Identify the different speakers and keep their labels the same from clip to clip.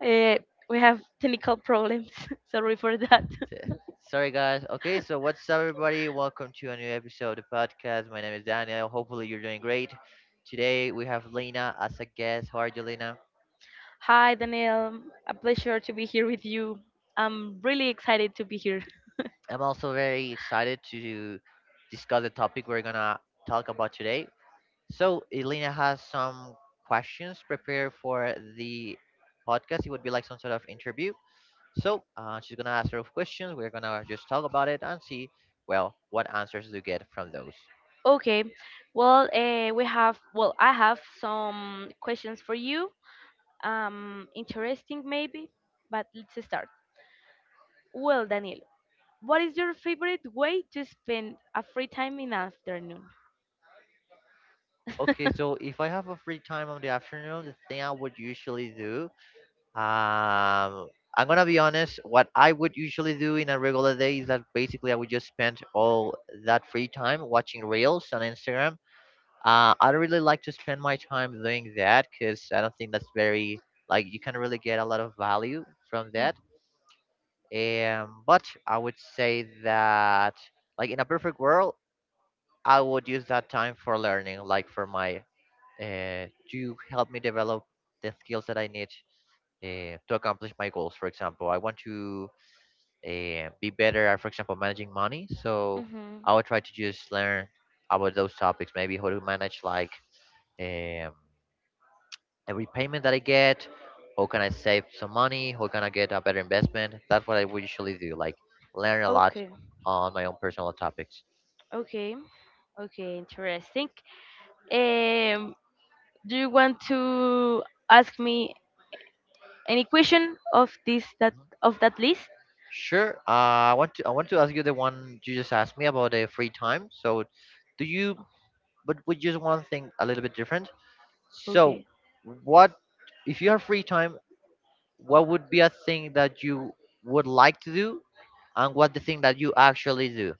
Speaker 1: Eh, we have technical problems. Sorry for that.
Speaker 2: Sorry, guys. Okay, so what's up, everybody? Welcome to a new episode of the podcast. My name is Daniel. Hopefully, you're doing great. Today, we have Lena as a guest. How are you, Lena?
Speaker 1: Hi, Daniel. A pleasure to be here with you. I'm really excited to be here.
Speaker 2: I'm also very excited to discuss the topic we're gonna talk about today. So, Elena has some questions prepared for the podcast. It would be like some sort of interview. So, she's gonna ask her questions. We're gonna just talk about it and see, well, what answers you get from those.
Speaker 1: Okay. Well, we have. Well, I have some questions for you. Interesting maybe, but let's start. Well, Daniel, what is your favorite way to spend a free time in the afternoon?
Speaker 2: Okay, so if I have a free time on the afternoon, the thing I would usually do, um, I'm gonna be honest, what I would usually do in a regular day is that basically I would just spend all that free time watching reels on Instagram. I don't really like to spend my time doing that because I don't think that's very like you can really get a lot of value from
Speaker 1: Mm.
Speaker 2: that. But I would say that like in a perfect world, I would use that time for learning, like for my to help me develop the skills that I need to accomplish my goals. For example, I want to be better at, for example, managing money. So
Speaker 1: Mhm.
Speaker 2: I would try to just learn about those topics, maybe how to manage like um, every payment that I get. How can I save some money? How can I get a better investment? That's what I would usually do. Like learn a lot
Speaker 1: Okay.
Speaker 2: on my own personal topics.
Speaker 1: Okay. Okay. Interesting. Um, do you want to ask me any question of this that
Speaker 2: Mhm.
Speaker 1: of that list?
Speaker 2: Sure. I want to ask you the one you just asked me about the free time. So, do you but we just want thing a little bit different. So,
Speaker 1: Okay.
Speaker 2: what if you have free time? What would be a thing that you would like to do, and what the thing that you actually do?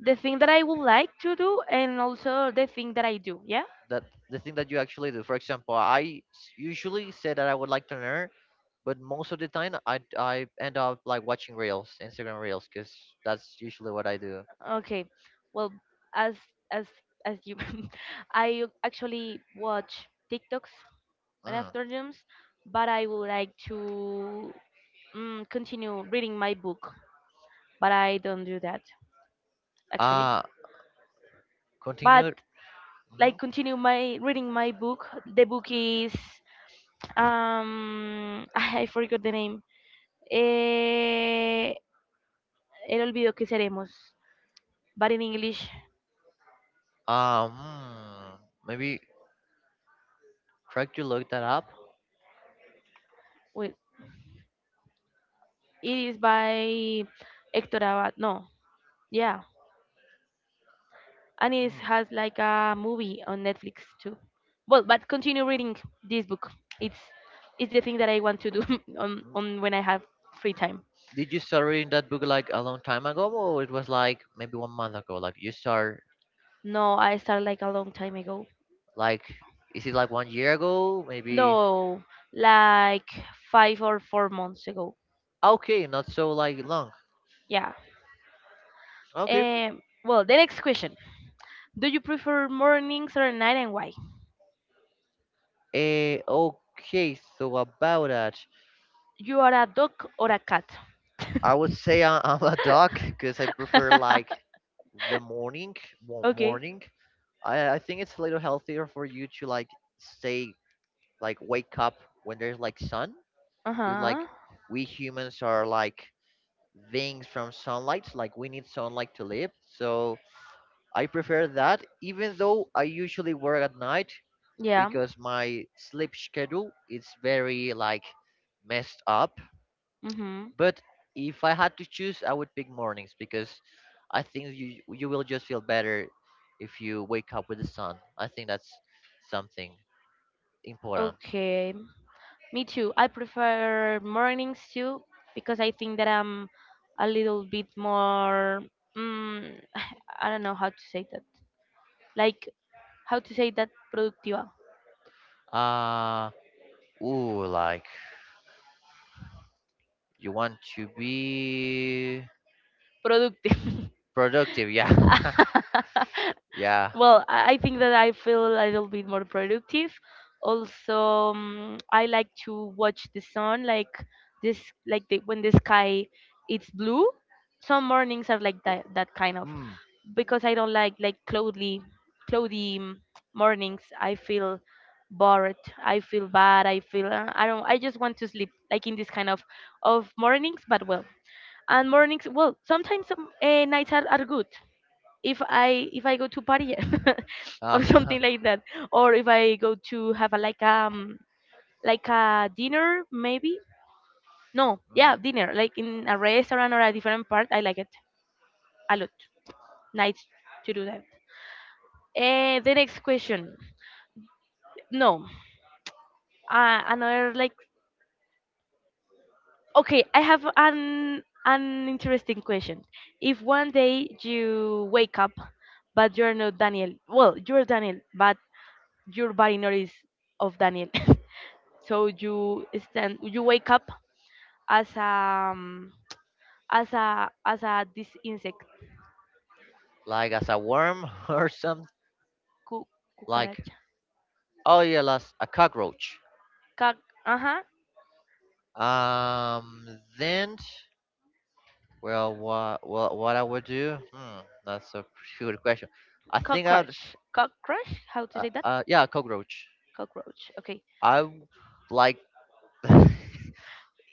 Speaker 1: The thing that I would like to do and also the thing that I do. Yeah.
Speaker 2: That the thing that you actually do. For example, usually say that I would like to learn, but most of the time I end up like watching reels, Instagram reels, because that's usually what I do.
Speaker 1: Okay. Well, as as as you I actually watch TikToks in
Speaker 2: Mm.
Speaker 1: afternoons, but I would like to continue reading my book, but I don't do that actually.
Speaker 2: Uh
Speaker 1: But
Speaker 2: continue.
Speaker 1: like continue my reading my book. The book is I forgot the name. Eh, El olvido que seremos. But in English,
Speaker 2: Um, maybe try to look that up.
Speaker 1: well, it is by Hector Abad. No, yeah, and it has like a movie on Netflix too. Well, but continue reading this book. It's it's the thing that I want to do on when I have free time.
Speaker 2: Did you start reading that book like a long time ago, or it was like maybe 1 month ago? Like you start
Speaker 1: No, I started like a long time ago.
Speaker 2: like is it like 1 year ago? Maybe
Speaker 1: No, like 5 or 4 months ago.
Speaker 2: okay, not so like long.
Speaker 1: Yeah.
Speaker 2: Okay.
Speaker 1: Well, the next question: do you prefer mornings or night, and why?
Speaker 2: Okay. So about that,
Speaker 1: You are a dog or a cat?
Speaker 2: I would say I'm a dog because I prefer like the morning.
Speaker 1: Okay.
Speaker 2: Morning. I think it's a little healthier for you to like stay like wake up when there's like sun.
Speaker 1: Uh
Speaker 2: Cause like
Speaker 1: huh.
Speaker 2: we humans are like things from sunlight like we need sunlight to live, so I prefer that even though I usually work at night
Speaker 1: Yeah.
Speaker 2: because my sleep schedule is very like messed up.
Speaker 1: Mm-hmm.
Speaker 2: But if I had to choose, I would pick mornings because I think you will just feel better if you wake up with the sun. I think that's something important.
Speaker 1: Okay. Me too. I prefer mornings too because I think that I'm a little bit more. Mm, I don't know how to say that. Like how to say that productiva.
Speaker 2: uh ooh, like you want to be
Speaker 1: Productive.
Speaker 2: productive. Yeah. Yeah.
Speaker 1: Well, I think that I feel a little bit more productive. Also, I like to watch the sun, like this, when the sky it's blue. Some mornings are like that, that kind of.
Speaker 2: Hmm.
Speaker 1: Because I don't like cloudy mornings. I feel bored. I feel bad. I feel I don't. I just want to sleep like in this kind of mornings. But well, and mornings well sometimes some nights are good. If I go to party or
Speaker 2: Uh,
Speaker 1: something like that, or if I go to have a like a dinner maybe no yeah dinner like in a restaurant or a different part. I like it a lot. Nice to do that. The next question. No, another like okay, I have an interesting question. If one day you wake up, but you're not Daniel, well, you're Daniel, but your body not is of Daniel. So you stand, you wake up as um as a this insect.
Speaker 2: like as a worm or something.
Speaker 1: cu-
Speaker 2: Like
Speaker 1: cucaracha.
Speaker 2: oh yeah, las a cockroach.
Speaker 1: Ca- uh-huh.
Speaker 2: Um, then well, what I would do? Hmm, that's a pretty good question. I think I'd
Speaker 1: Cockroach, how to say that?
Speaker 2: yeah, a cockroach.
Speaker 1: Cockroach. Okay.
Speaker 2: I w- like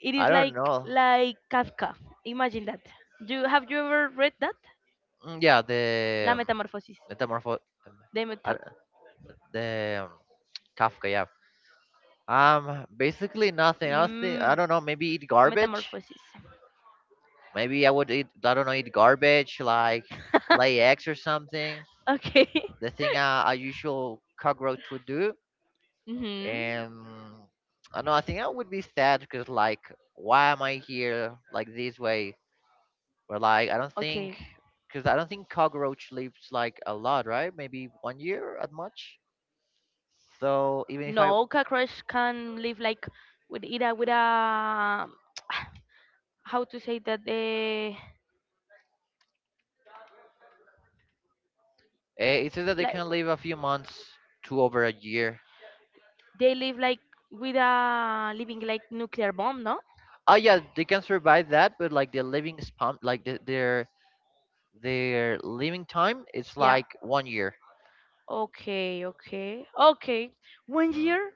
Speaker 1: It
Speaker 2: I
Speaker 1: is
Speaker 2: don't
Speaker 1: like
Speaker 2: know.
Speaker 1: like Kafka. Imagine that. Do have you ever read that?
Speaker 2: Yeah,
Speaker 1: La
Speaker 2: the
Speaker 1: Metamorphosis.
Speaker 2: metamorpho um,
Speaker 1: The
Speaker 2: I
Speaker 1: meta
Speaker 2: d- the Kafka. Yeah. Basically nothing. I was think I
Speaker 1: mm,
Speaker 2: don't know. Maybe eat garbage.
Speaker 1: Metamorphosis.
Speaker 2: Maybe I would eat, I don't know, eat garbage like lay eggs or something.
Speaker 1: Okay.
Speaker 2: The thing a usual cockroach would do.
Speaker 1: Mhm.
Speaker 2: And I know, I think I would be sad because, like, why am I here like this way? Or like, I don't think,
Speaker 1: Okay.
Speaker 2: because I don't think cockroach lives like a lot, right? Maybe 1 year at much. So even if I,
Speaker 1: No, cockroach can live like with a, how to say that, the
Speaker 2: it says that they
Speaker 1: like.
Speaker 2: can live a few months to over a year.
Speaker 1: They live like with a living like nuclear bomb, no?
Speaker 2: Oh yeah, they can survive that, but like the living span, like their living time is
Speaker 1: Yeah.
Speaker 2: like 1 year.
Speaker 1: Okay. Okay. Okay. 1 year.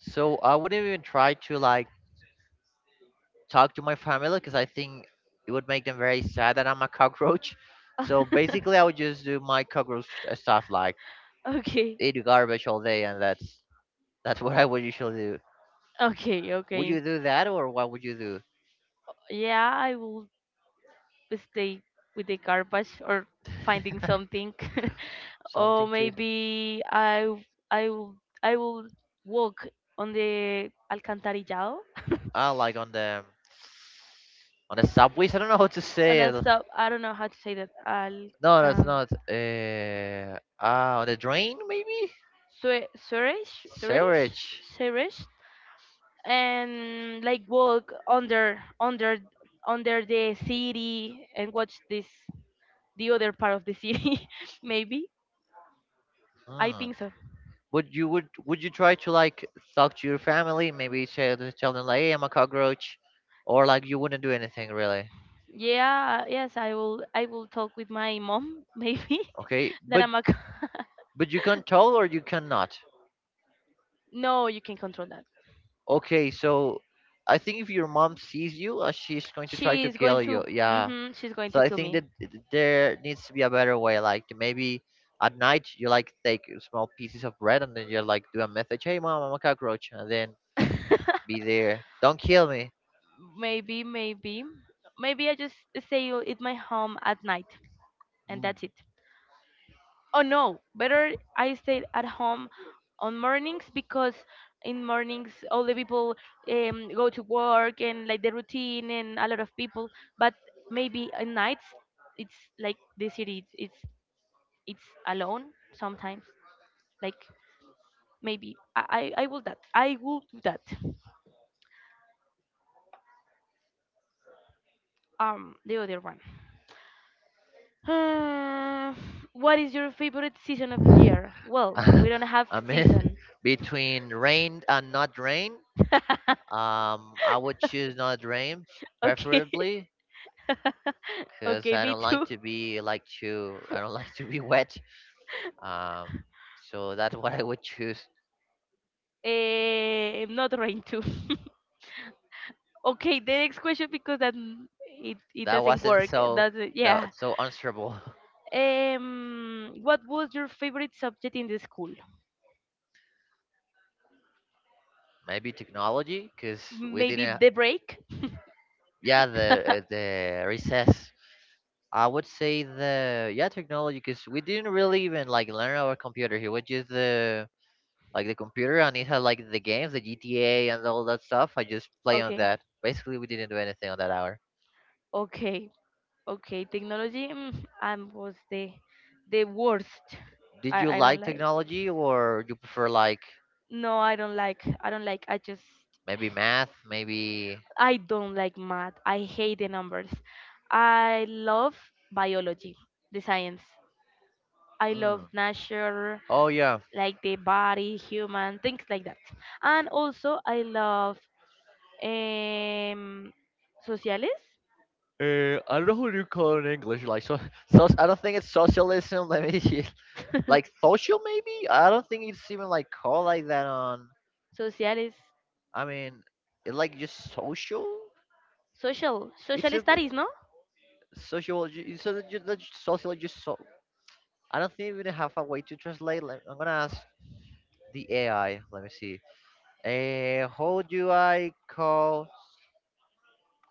Speaker 2: So I wouldn't even try to like talk to my family because I think it would make them very sad that I'm a cockroach. So basically, I would just do my cockroach stuff like
Speaker 1: Okay.
Speaker 2: eat garbage all day, and that's what I would usually do.
Speaker 1: Okay.
Speaker 2: Would you
Speaker 1: Okay.
Speaker 2: do that, or what would you do?
Speaker 1: Yeah, I will stay with the garbage or finding something.
Speaker 2: Something
Speaker 1: or
Speaker 2: to it.
Speaker 1: maybe I w- I will I will walk on the Alcantarillado.
Speaker 2: Ah, like on the subways. I don't know how to
Speaker 1: On
Speaker 2: say
Speaker 1: a
Speaker 2: it.
Speaker 1: sub, I don't know how to say that
Speaker 2: No, that's
Speaker 1: Alcan.
Speaker 2: not. On the drain maybe.
Speaker 1: Sue- Suresh Suresh
Speaker 2: Sewerage.
Speaker 1: Suresh, and like walk under the city and watch this the other part of the city maybe. I
Speaker 2: Hmm.
Speaker 1: think so.
Speaker 2: Would you would you try to like talk to your family, maybe say to tell them like, hey, I'm a cockroach, or like you wouldn't do anything really?
Speaker 1: Yeah, yes, I will talk with my mom maybe
Speaker 2: Okay,
Speaker 1: that I'm a c-.
Speaker 2: but you can tell or you cannot.
Speaker 1: No, you can control that.
Speaker 2: Okay, so I think if your mom sees you, she's going to try to
Speaker 1: she's going
Speaker 2: kill you.
Speaker 1: to
Speaker 2: Yeah,
Speaker 1: hmm she's going
Speaker 2: so
Speaker 1: to
Speaker 2: I
Speaker 1: kill
Speaker 2: think that
Speaker 1: me.
Speaker 2: there needs to be a better way, like to maybe at night you like take small pieces of bread and then you like do a message, hey mom, I'm a cockroach, and then be there, don't kill me.
Speaker 1: Maybe, maybe, maybe I just stay at my home at night, and that's it. Oh no, better I stay at home on mornings because in mornings all the people go to work and like the routine and a lot of people. But maybe at nights it's like the city, it's alone sometimes. Like maybe I will that I will do that. The other one. Uh, what is your favorite season of the year? Well, we
Speaker 2: Mm.
Speaker 1: don't have
Speaker 2: I mean,
Speaker 1: season.
Speaker 2: between rain and not rain, I would choose not rain,
Speaker 1: Okay,
Speaker 2: preferably, because
Speaker 1: okay,
Speaker 2: I
Speaker 1: me
Speaker 2: don't like
Speaker 1: too.
Speaker 2: to be like to I don't like to be wet. Um, so that's what I would choose.
Speaker 1: Not rain too. Okay, the next question because that it doesn't work. Doesn't yeah.
Speaker 2: It's so answerable.
Speaker 1: What was your favorite subject in the school?
Speaker 2: Maybe technology, because we
Speaker 1: Maybe
Speaker 2: didn't.
Speaker 1: the break.
Speaker 2: Yeah, the recess. I would say the yeah technology, because we didn't really even like learn our computer here. We just the like the computer and it had like the games, the GTA and all that stuff. I just play on
Speaker 1: Okay.
Speaker 2: that. Basically, we didn't do anything on that hour.
Speaker 1: Okay, okay. Technology was the worst.
Speaker 2: Did you
Speaker 1: I don't
Speaker 2: like
Speaker 1: like.
Speaker 2: technology or you prefer like
Speaker 1: No, I don't like. I don't like. I just
Speaker 2: maybe math, maybe?
Speaker 1: I don't like math. I hate the numbers. I love biology, the science. I love nature,
Speaker 2: Oh yeah.
Speaker 1: like the body, human, things like that. And also I love em, sociales,
Speaker 2: I don't know what you call it in English. Like so, so I don't think it's socialism. Let me see. Like social maybe. I don't think it's even like called like that on.
Speaker 1: sociales,
Speaker 2: I mean, it like just social,
Speaker 1: social, social studies, no?
Speaker 2: social. So that just social just so. I don't think we even have a way to translate. I'm gonna ask the AI. Let me see. How do I call?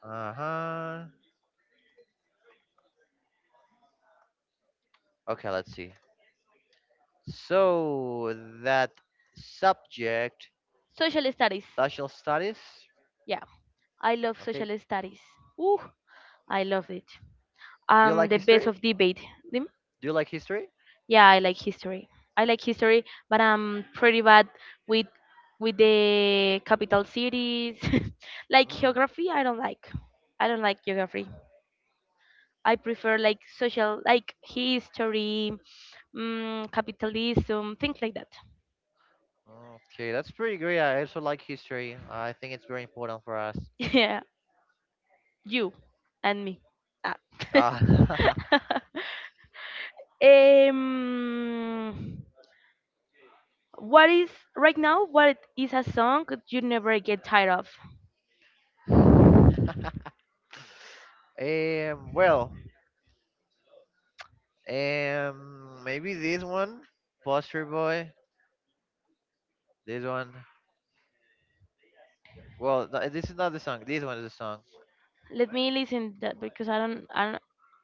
Speaker 2: Uh huh. Okay, let's see. So that subject,
Speaker 1: Social studies.
Speaker 2: national studies,
Speaker 1: Yeah, I love social studies. Ooh, I love it.
Speaker 2: like
Speaker 1: The best
Speaker 2: history.
Speaker 1: of debate. Dim-
Speaker 2: Do you like history?
Speaker 1: Yeah, I like history. I like history, but I'm pretty bad with with the capital cities. like geography, I don't like. I don't like geography. I prefer like social, like history, capitalism, things like that.
Speaker 2: Okay, that's pretty great. I also like history. I think it's very important for us.
Speaker 1: Yeah, you and me. Ah.
Speaker 2: Ah,
Speaker 1: Um, what is right now? What is a song that you never get tired of?
Speaker 2: well, maybe this one, Poster Boy. This one. Well, this is not the song. This one is the song.
Speaker 1: Let me listen that because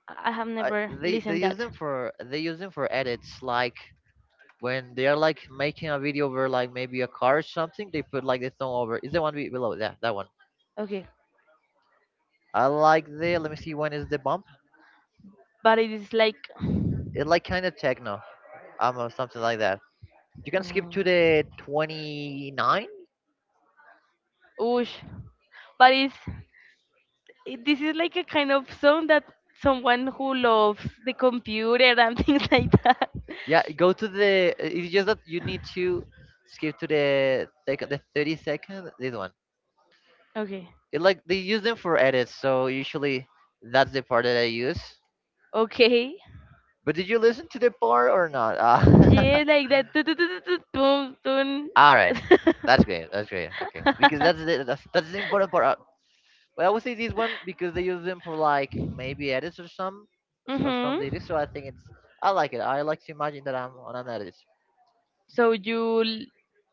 Speaker 1: I have
Speaker 2: I,
Speaker 1: never
Speaker 2: they
Speaker 1: listened
Speaker 2: use
Speaker 1: that.
Speaker 2: them for they use them for edits, like when they are like making a video over like maybe a car or something. They put like the thumb over is the one below, yeah, that one.
Speaker 1: Okay,
Speaker 2: I like the, let me see when is the bump.
Speaker 1: but it is like,
Speaker 2: It like kind of techno, or something like that. You can skip
Speaker 1: mm,
Speaker 2: to the 29.
Speaker 1: oosh, but this is like a kind of song that someone who loves the computer and things like that.
Speaker 2: Yeah, go to the, it's just that you need to skip to the like the 30-second this one.
Speaker 1: Okay,
Speaker 2: It like they use them for edits, so usually that's the part that I use.
Speaker 1: okay.
Speaker 2: But did you listen to the part or not?
Speaker 1: Yeah, like that. Tu- tu- tu- tu- tu- Dun, dun.
Speaker 2: All right, that's great. That's great. Okay, because that's the, that's the important part. Well, I would say this one because they use them for like maybe edits or some
Speaker 1: Mhm.
Speaker 2: edits. So I think it's, I like it. I like to imagine that I'm on an edit.
Speaker 1: So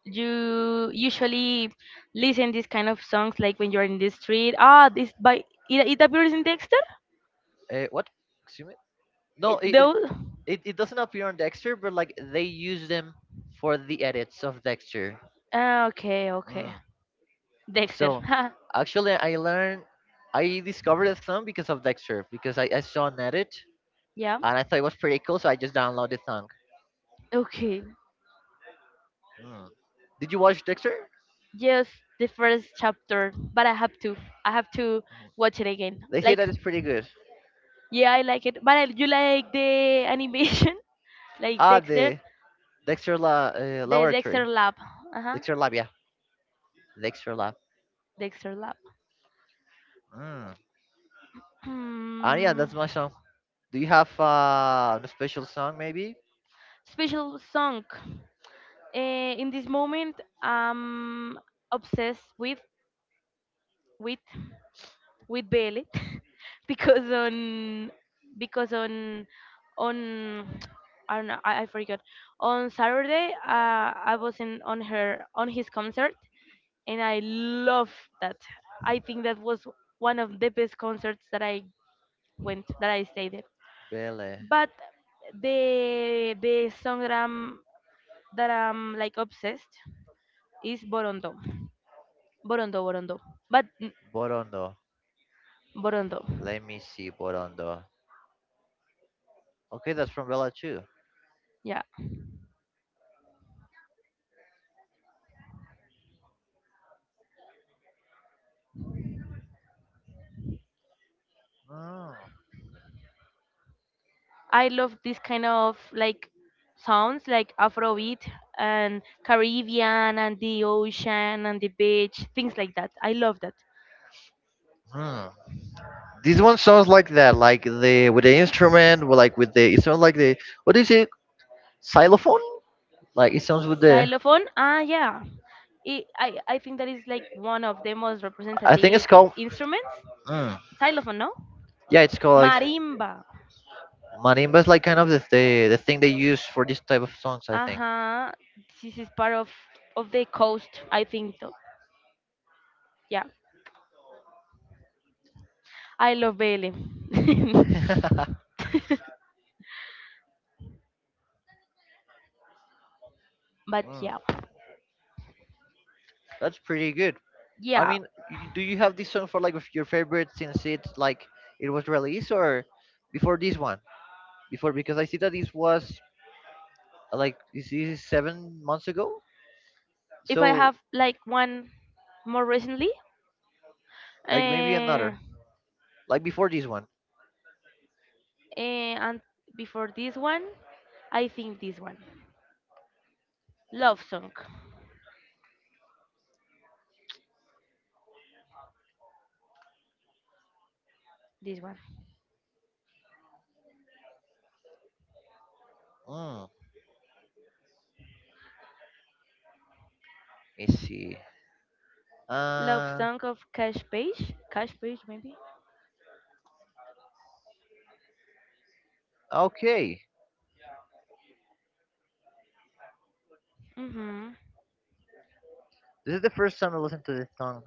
Speaker 1: you usually listen these kind of songs like when you're in the street. Ah, this by it appears in Dexter.
Speaker 2: What? Excuse me. No,
Speaker 1: It, those.
Speaker 2: it it doesn't appear on Dexter, but like they use them for the edits of Dexter.
Speaker 1: Ah, okay, okay.
Speaker 2: Mm.
Speaker 1: Dexter.
Speaker 2: So actually, I discovered some because of Dexter because I saw an edit
Speaker 1: Yeah.
Speaker 2: and I thought it was pretty cool, so I just downloaded the song.
Speaker 1: Okay.
Speaker 2: Hmm. Did you watch Dexter?
Speaker 1: Just the first chapter, but I have to. I have to watch it again.
Speaker 2: They say
Speaker 1: Like
Speaker 2: that it's pretty good.
Speaker 1: Yeah, I like it. But you like the animation, like
Speaker 2: Ah,
Speaker 1: Dexter,
Speaker 2: the Dexter La,
Speaker 1: the
Speaker 2: Lawyer,
Speaker 1: Dexter Lab. Uh huh.
Speaker 2: Dexter Lab, yeah, Dexter Lab.
Speaker 1: Dexter Lab.
Speaker 2: Hmm. And yeah,
Speaker 1: Hmm.
Speaker 2: that's my song. Do you have a special song maybe?
Speaker 1: Special song. In this moment, I'm obsessed with with Bailey because on because on I don't know. I forgot. On Saturday, I was in on her on his concert, and I love that. I think that was one of the best concerts that I went that I stayed in.
Speaker 2: Bele,
Speaker 1: But the song that I'm like obsessed is Borondo. Borondo, Borondo. But
Speaker 2: Borondo.
Speaker 1: Borondo.
Speaker 2: Let me see, Borondo. Okay, that's from Bella too.
Speaker 1: Yeah.
Speaker 2: Hmm.
Speaker 1: I love this kind of like sounds like Afrobeat and Caribbean and the ocean and the beach, things like that. I love that.
Speaker 2: Hmm. This one sounds like that, like the with the instrument, with like with the it sounds like the, what is it? Xylophone? Like it sounds with the,
Speaker 1: Xylophone? Ah, yeah. I think that is like one of the most
Speaker 2: I think it's
Speaker 1: representative
Speaker 2: called,
Speaker 1: instruments.
Speaker 2: hmm,
Speaker 1: Xylophone, no?
Speaker 2: yeah, it's called.
Speaker 1: Marimba.
Speaker 2: Marimba is like kind of the thing they use for this type of songs, I think.
Speaker 1: Uh-huh. This is part of the coast, I think. Though. Yeah. I love Bailey. but yeah.
Speaker 2: Mm, that's pretty good. I
Speaker 1: Yeah.
Speaker 2: mean, do you have this song for like your favorite since it's like it was released or before this one? Before because I see that this was like this is 7 months ago,
Speaker 1: If I
Speaker 2: so
Speaker 1: have like one more recently,
Speaker 2: like maybe
Speaker 1: uh,
Speaker 2: another like before this one.
Speaker 1: and before this one, I think this one. Love song. This one.
Speaker 2: Mm, let me see.
Speaker 1: Love
Speaker 2: Uh,
Speaker 1: Song of Cash Page. Cash Page, maybe?
Speaker 2: okay.
Speaker 1: Mm-hmm.
Speaker 2: This is the first time I listened to this song.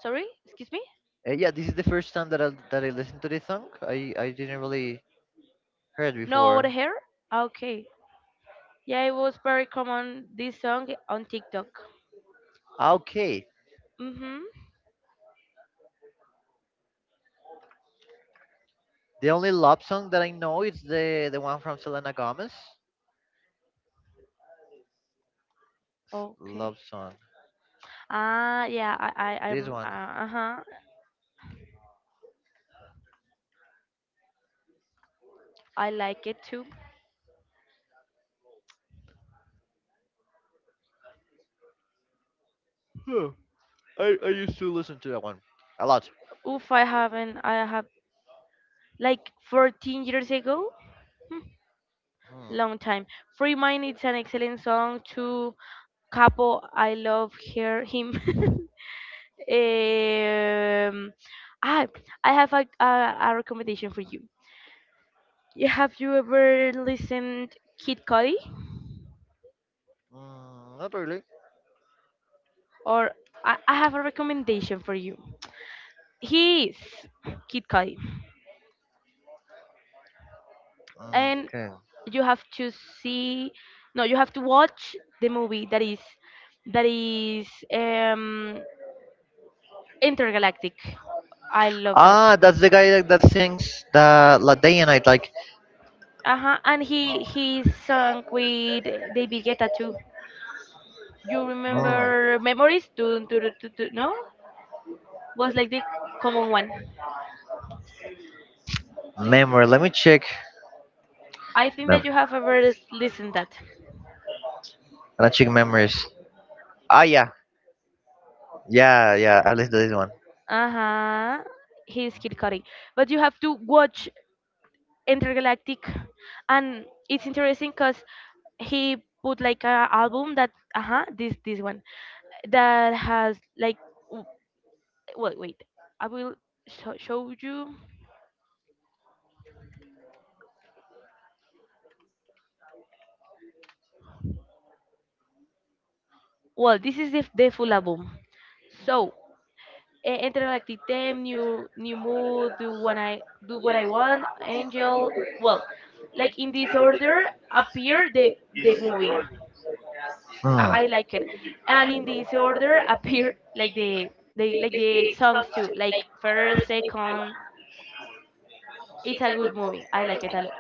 Speaker 1: Sorry, excuse me?
Speaker 2: Yeah, this is the first time that I listened to this song. I didn't really heard
Speaker 1: No the
Speaker 2: before.
Speaker 1: hair? Okay. Yeah, it was very common, this song, on TikTok.
Speaker 2: Okay.
Speaker 1: Mm-hmm.
Speaker 2: The only love song that I know is the one from Selena Gomez.
Speaker 1: Okay.
Speaker 2: Love song.
Speaker 1: Ah, yeah,
Speaker 2: This one.
Speaker 1: uh-huh. I like it too.
Speaker 2: Huh. I used to listen to that one a lot.
Speaker 1: Oof, I haven't, I have, like, 14 years ago? Long time. Free Mind, it's an excellent song to Capo, I love him. Um, I I have a recommendation for you. Have you ever listened Kid Cudi?
Speaker 2: Mm, not really.
Speaker 1: Or I have a recommendation for you. He is Kid Cudi, and
Speaker 2: Okay.
Speaker 1: you have to see. No, you have to watch the movie that is intergalactic. I love that.
Speaker 2: Ah, that's the guy that, that sings the La Day and Night like
Speaker 1: Uh huh. And he sung with David Guetta too. You remember memories? Do, do, do, do, do, no? Was like the common one.
Speaker 2: memory. Let me check.
Speaker 1: I think that you have ever listened that.
Speaker 2: Let me check memories. Ah, yeah. I listened to this one.
Speaker 1: Uh-huh. He's Kid Cudi. But you have to watch Intergalactic, and it's interesting because he put like a album that this one that has like w- well, wait, I will show you. Well, this is the full album, so Intergalactic Them, New Mood, Do What I Want, Angel. Well, like in this order appear the movie. I,
Speaker 2: Hmm.
Speaker 1: I like it, and in this order appear the songs too. Like first, second. It's a good movie. I like it a lot.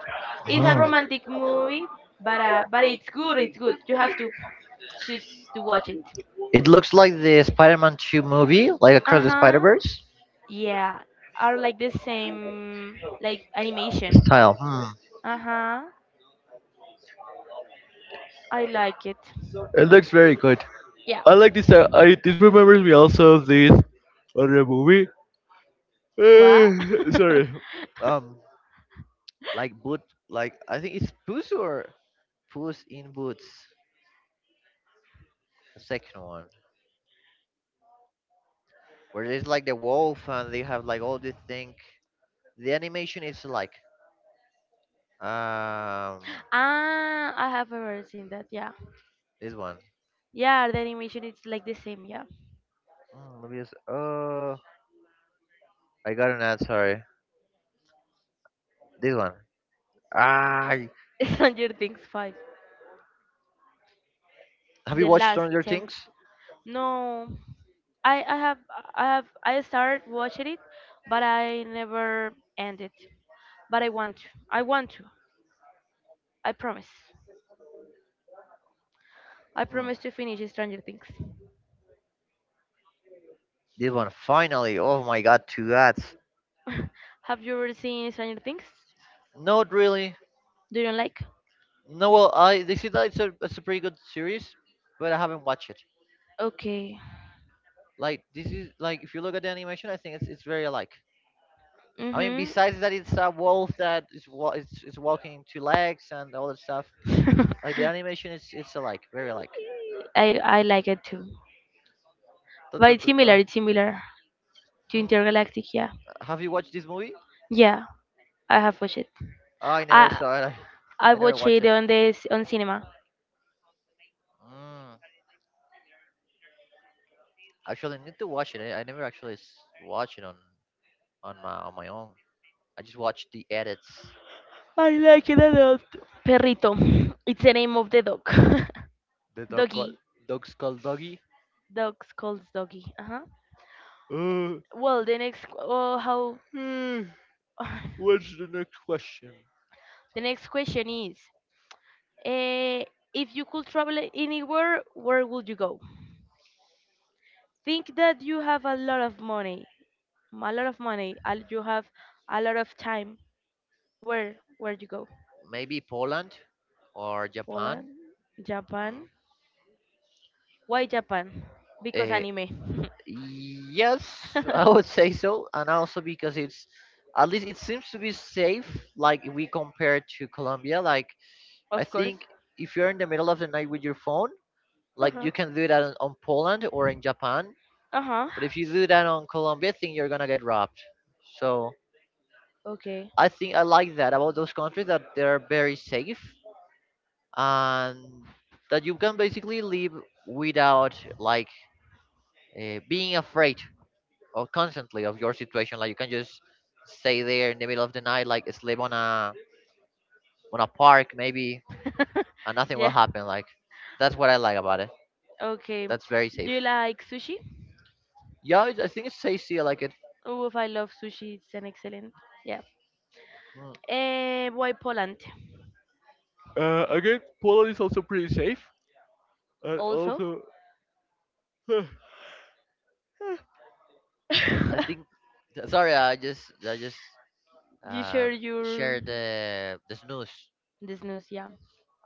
Speaker 1: It's a romantic movie, but it's good. It's good. You have to choose to watch it.
Speaker 2: It looks like the Spider-Man 2 movie, like
Speaker 1: Uh
Speaker 2: Across the
Speaker 1: huh.
Speaker 2: Spider-Verse
Speaker 1: Yeah, are like the same like animation.
Speaker 2: style. Hmm.
Speaker 1: Uh-huh. I like it.
Speaker 2: It looks very good.
Speaker 1: Yeah.
Speaker 2: I like this. I this remembers me also of this other movie.
Speaker 1: What?
Speaker 2: Sorry. Um, Like boot, like I think it's Puss or Puss in Boots, the second one, where there's like the wolf and they have like all this thing. The animation is like um
Speaker 1: Ah, I have ever seen that. Yeah.
Speaker 2: this one.
Speaker 1: Yeah, the animation is like the same. Yeah.
Speaker 2: Mm, let me just oh I got an ad. Sorry, this one. Ah,
Speaker 1: Stranger Things 5.
Speaker 2: have you
Speaker 1: The
Speaker 2: watched
Speaker 1: last
Speaker 2: Stranger
Speaker 1: temp.
Speaker 2: Things?
Speaker 1: No. I I have I started watching it, but I never ended. But I want to. I want to. I promise. I promise to finish Stranger Things.
Speaker 2: This one finally. Oh my God, two ads.
Speaker 1: Have you ever seen Stranger Things?
Speaker 2: Not really.
Speaker 1: Do you like?
Speaker 2: No, well, I they said that it's a pretty good series, but I haven't watched it.
Speaker 1: Okay.
Speaker 2: Like this is like if you look at the animation, I think it's very alike. I mean,
Speaker 1: Mm-hmm.
Speaker 2: besides that, it's a wolf that is wa- is walking in two legs and all that stuff. Like the animation, it's alike, very alike.
Speaker 1: I like it too.
Speaker 2: Duh,
Speaker 1: But
Speaker 2: duh,
Speaker 1: it's similar,
Speaker 2: duh.
Speaker 1: it's similar to
Speaker 2: Mm.
Speaker 1: Intergalactic, yeah.
Speaker 2: Have you watched this movie?
Speaker 1: Yeah, I have watched it.
Speaker 2: Oh, I never
Speaker 1: I
Speaker 2: saw it.
Speaker 1: I
Speaker 2: I never.
Speaker 1: watched it on cinema.
Speaker 2: Mm. Actually, I need to watch it. I never actually watch it on on my own. I just watched the edits.
Speaker 1: I like it a lot. Perrito. It's the name of the dog.
Speaker 2: The dog called
Speaker 1: Doggy.
Speaker 2: dog's called Doggy.
Speaker 1: Dogs calls doggy. Uh-huh. Well, the next oh how
Speaker 2: Uh, Question.
Speaker 1: the next question is Eh, if you could travel anywhere, where would you go? Think that you have a lot of money, a lot of money, and you have a lot of time. Where you go?
Speaker 2: Maybe Poland or Japan.
Speaker 1: Poland, Japan. Why Japan? Because
Speaker 2: Uh,
Speaker 1: anime.
Speaker 2: yes, I would say so, and also because it's at least it seems to be safe. Like if we compare to Colombia, like I
Speaker 1: Of course.
Speaker 2: think if you're in the middle of the night with your phone,
Speaker 1: Uh
Speaker 2: like
Speaker 1: huh.
Speaker 2: you can do that on Poland or in Japan.
Speaker 1: Uh huh.
Speaker 2: But if you do that on Colombia, I think you're gonna get robbed. So
Speaker 1: Okay.
Speaker 2: I think I like that about those countries that they're very safe and that you can basically live without like being afraid of constantly of your situation like you can just stay there in the middle of the night like sleep on a park maybe and nothing will
Speaker 1: Yeah.
Speaker 2: happen like that's what I like about it,
Speaker 1: Okay.
Speaker 2: that's very
Speaker 1: Do
Speaker 2: safe.
Speaker 1: you like sushi?
Speaker 2: Yeah, I think it's safety I like it.
Speaker 1: Oh, if I love sushi, it's an excellent. Yeah.
Speaker 2: Mm.
Speaker 1: Why Poland?
Speaker 2: Again, Poland is also pretty safe, and
Speaker 1: Also,
Speaker 2: also I think sorry I just
Speaker 1: you share
Speaker 2: um
Speaker 1: your
Speaker 2: shared the this news.
Speaker 1: this news. Yeah.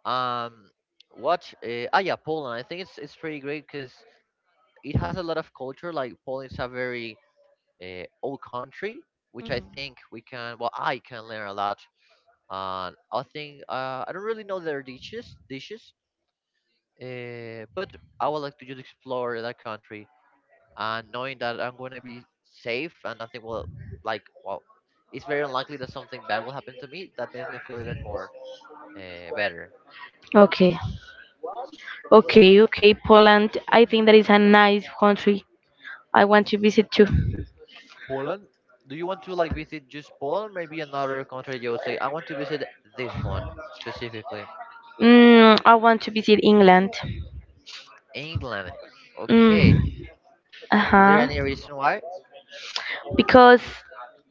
Speaker 2: Um what uh, ah yeah, Poland, I think it's pretty great because it has a lot of culture. Like Poland is a very old country, which I
Speaker 1: Mm-hmm.
Speaker 2: think we can. Well, I can learn a lot. And I think I don't really know their dishes. But I would like to just explore that country and knowing that I'm going to be safe and nothing will like well, it's very unlikely that something bad will happen to me. That makes me feel even more better.
Speaker 1: Okay. Okay, okay. Poland, I think that is a nice country. I want to visit too.
Speaker 2: Poland. Do you want to like visit just Poland? Maybe another country you would say I want to visit this one specifically.
Speaker 1: I want to visit England.
Speaker 2: England.
Speaker 1: Mm,
Speaker 2: Okay. Is there
Speaker 1: uh-huh.
Speaker 2: any reason why?
Speaker 1: Because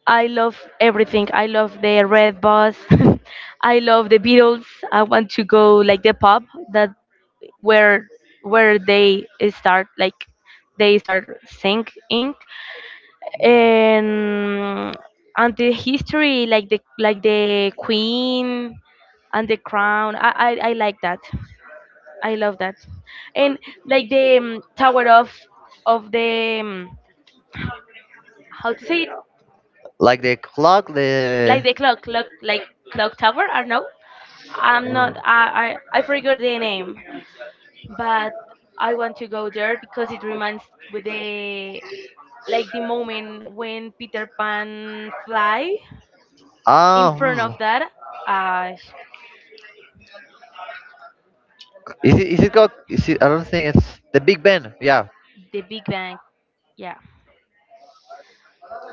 Speaker 1: I love everything. I love the Red Bus. I love the Beatles. I want to go like the pub. where where they start like they start singing, and and the history, like the queen and the crown. I like that. I love that. And like the tower of the how to say it,
Speaker 2: Like the clock, the
Speaker 1: like the clock tower. I don't know. I'm not I forgot the name, but I want to go there because it reminds with the like the moment when Peter Pan fly in
Speaker 2: oh,
Speaker 1: front of that uh sh-
Speaker 2: is it called? Is it? I don't think it's the Big Ben. Yeah.
Speaker 1: the Big Bang, yeah.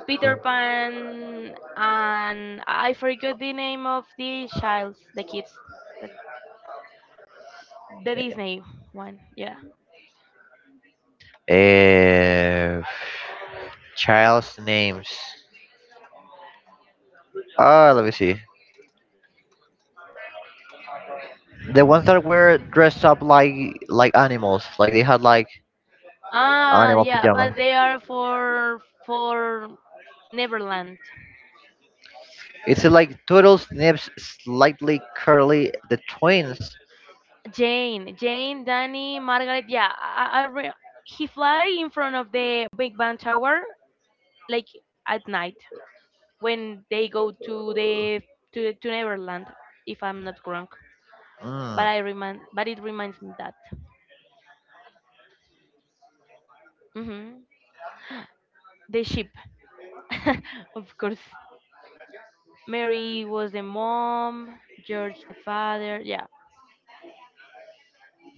Speaker 1: Peter Pan, and I forgot the name of the childs the kids, the, the Disney one, yeah.
Speaker 2: Uh, Child's names. Ah, let me see. The ones that were dressed up like animals, like they had like
Speaker 1: Ah yeah, but they are for Neverland.
Speaker 2: it's like turtles, nips, slightly curly. The twins.
Speaker 1: Jane, Danny, Margaret, yeah, he fly in front of the Big Bang Tower like at night when they go to Neverland, if I'm not wrong.
Speaker 2: Mm,
Speaker 1: But but it reminds me that hmm the ship, of course. Mary was the mom, George the father. Yeah,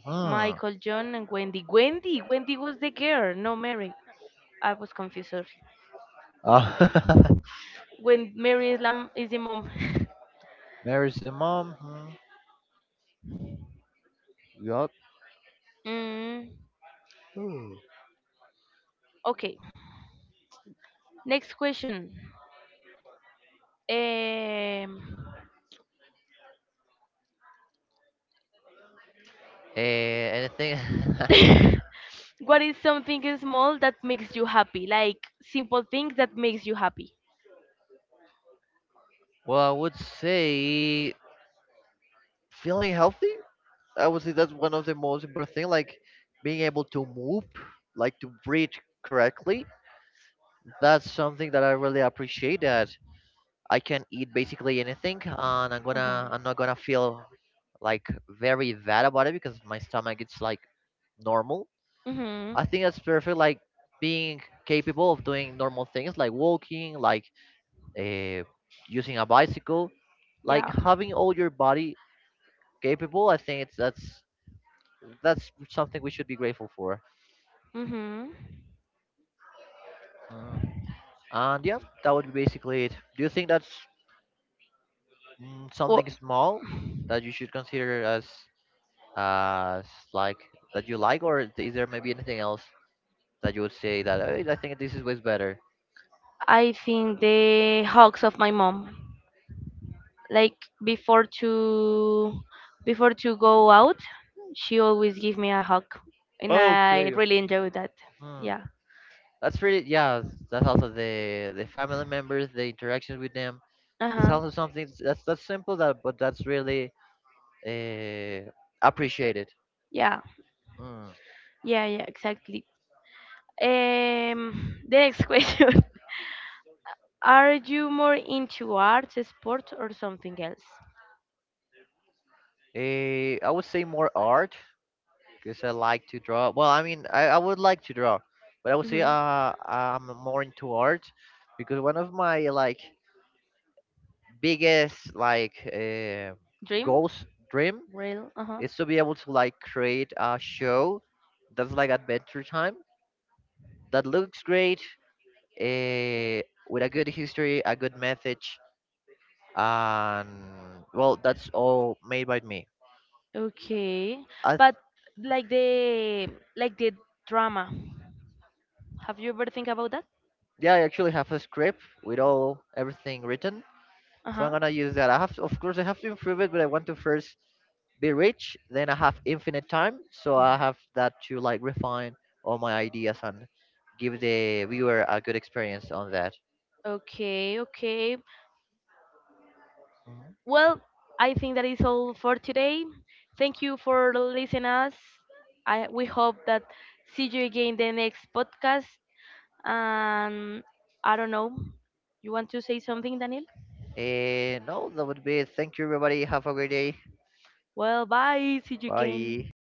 Speaker 2: mm.
Speaker 1: Michael, John, and Wendy. Wendy was the girl, no Mary. I was confused. Sorry.
Speaker 2: Ah,
Speaker 1: When Mary is the mom.
Speaker 2: Mary's the mom. Hmm. Yup.
Speaker 1: mm,
Speaker 2: Uh,
Speaker 1: okay. Next question. Um,
Speaker 2: Anything?
Speaker 1: what is something small that makes you happy? Like simple things that makes you happy.
Speaker 2: Well, I would say feeling healthy. I would say that's one of the most important thing. Like being able to move, like to breathe correctly. That's something that I really appreciate. That I can eat basically anything, and
Speaker 1: Uh-huh.
Speaker 2: I'm not gonna feel like very bad about it because my stomach is like normal.
Speaker 1: Mhm.
Speaker 2: I think that's perfect. Like being capable of doing normal things, like walking, like uh, using a bicycle, like
Speaker 1: Yeah.
Speaker 2: having all your body capable. I think it's that's something we should be grateful for.
Speaker 1: Mhm.
Speaker 2: Uh, And yeah, that would be basically it. Do you think that's mm,
Speaker 1: Well,
Speaker 2: something small that you should consider as as like that you like, or is there maybe anything else that you would say that "Hey, I think this is way better?
Speaker 1: I think the hugs of my mom. Like before to before to go out, she always give me a hug, and I really enjoy that.
Speaker 2: Hmm.
Speaker 1: Yeah.
Speaker 2: That's pretty. Yeah, that's also the family members, the interactions with them. That's
Speaker 1: Uh-huh.
Speaker 2: also something that's simple that, but that's really uh, appreciated.
Speaker 1: Yeah, yeah, yeah, exactly. Um, the next question, are you more into arts, sport, or something else?
Speaker 2: Eh, I would say more art because I like to draw. Well, I mean, I would like to draw, but I would say
Speaker 1: Hmm.
Speaker 2: I'm more into art because one of my like biggest like
Speaker 1: Dream.
Speaker 2: goals dream
Speaker 1: Real. Uh-huh.
Speaker 2: is to be able to like create a show that's like Adventure Time that looks great, uh, with a good history, a good message, and well, that's all made by me.
Speaker 1: Okay,
Speaker 2: I th-
Speaker 1: but like the like the drama. Have you ever think about that?
Speaker 2: yeah, I actually have a script with all everything written.
Speaker 1: Uh
Speaker 2: So I'm
Speaker 1: huh.
Speaker 2: gonna use that. I have to, of course I have to improve it, but I want to first be rich, then I have infinite time, so I have that to like refine all my ideas and give the viewer a good experience on that.
Speaker 1: Okay, okay.
Speaker 2: Mhm.
Speaker 1: Well, I think that is all for today. Thank you for listening us. I we hope that see you again the next podcast. And I don't know. You want to say something, Daniel?
Speaker 2: And no, that would be it. Thank you everybody. Have a great day.
Speaker 1: Well, bye. See you
Speaker 2: Bye.
Speaker 1: again.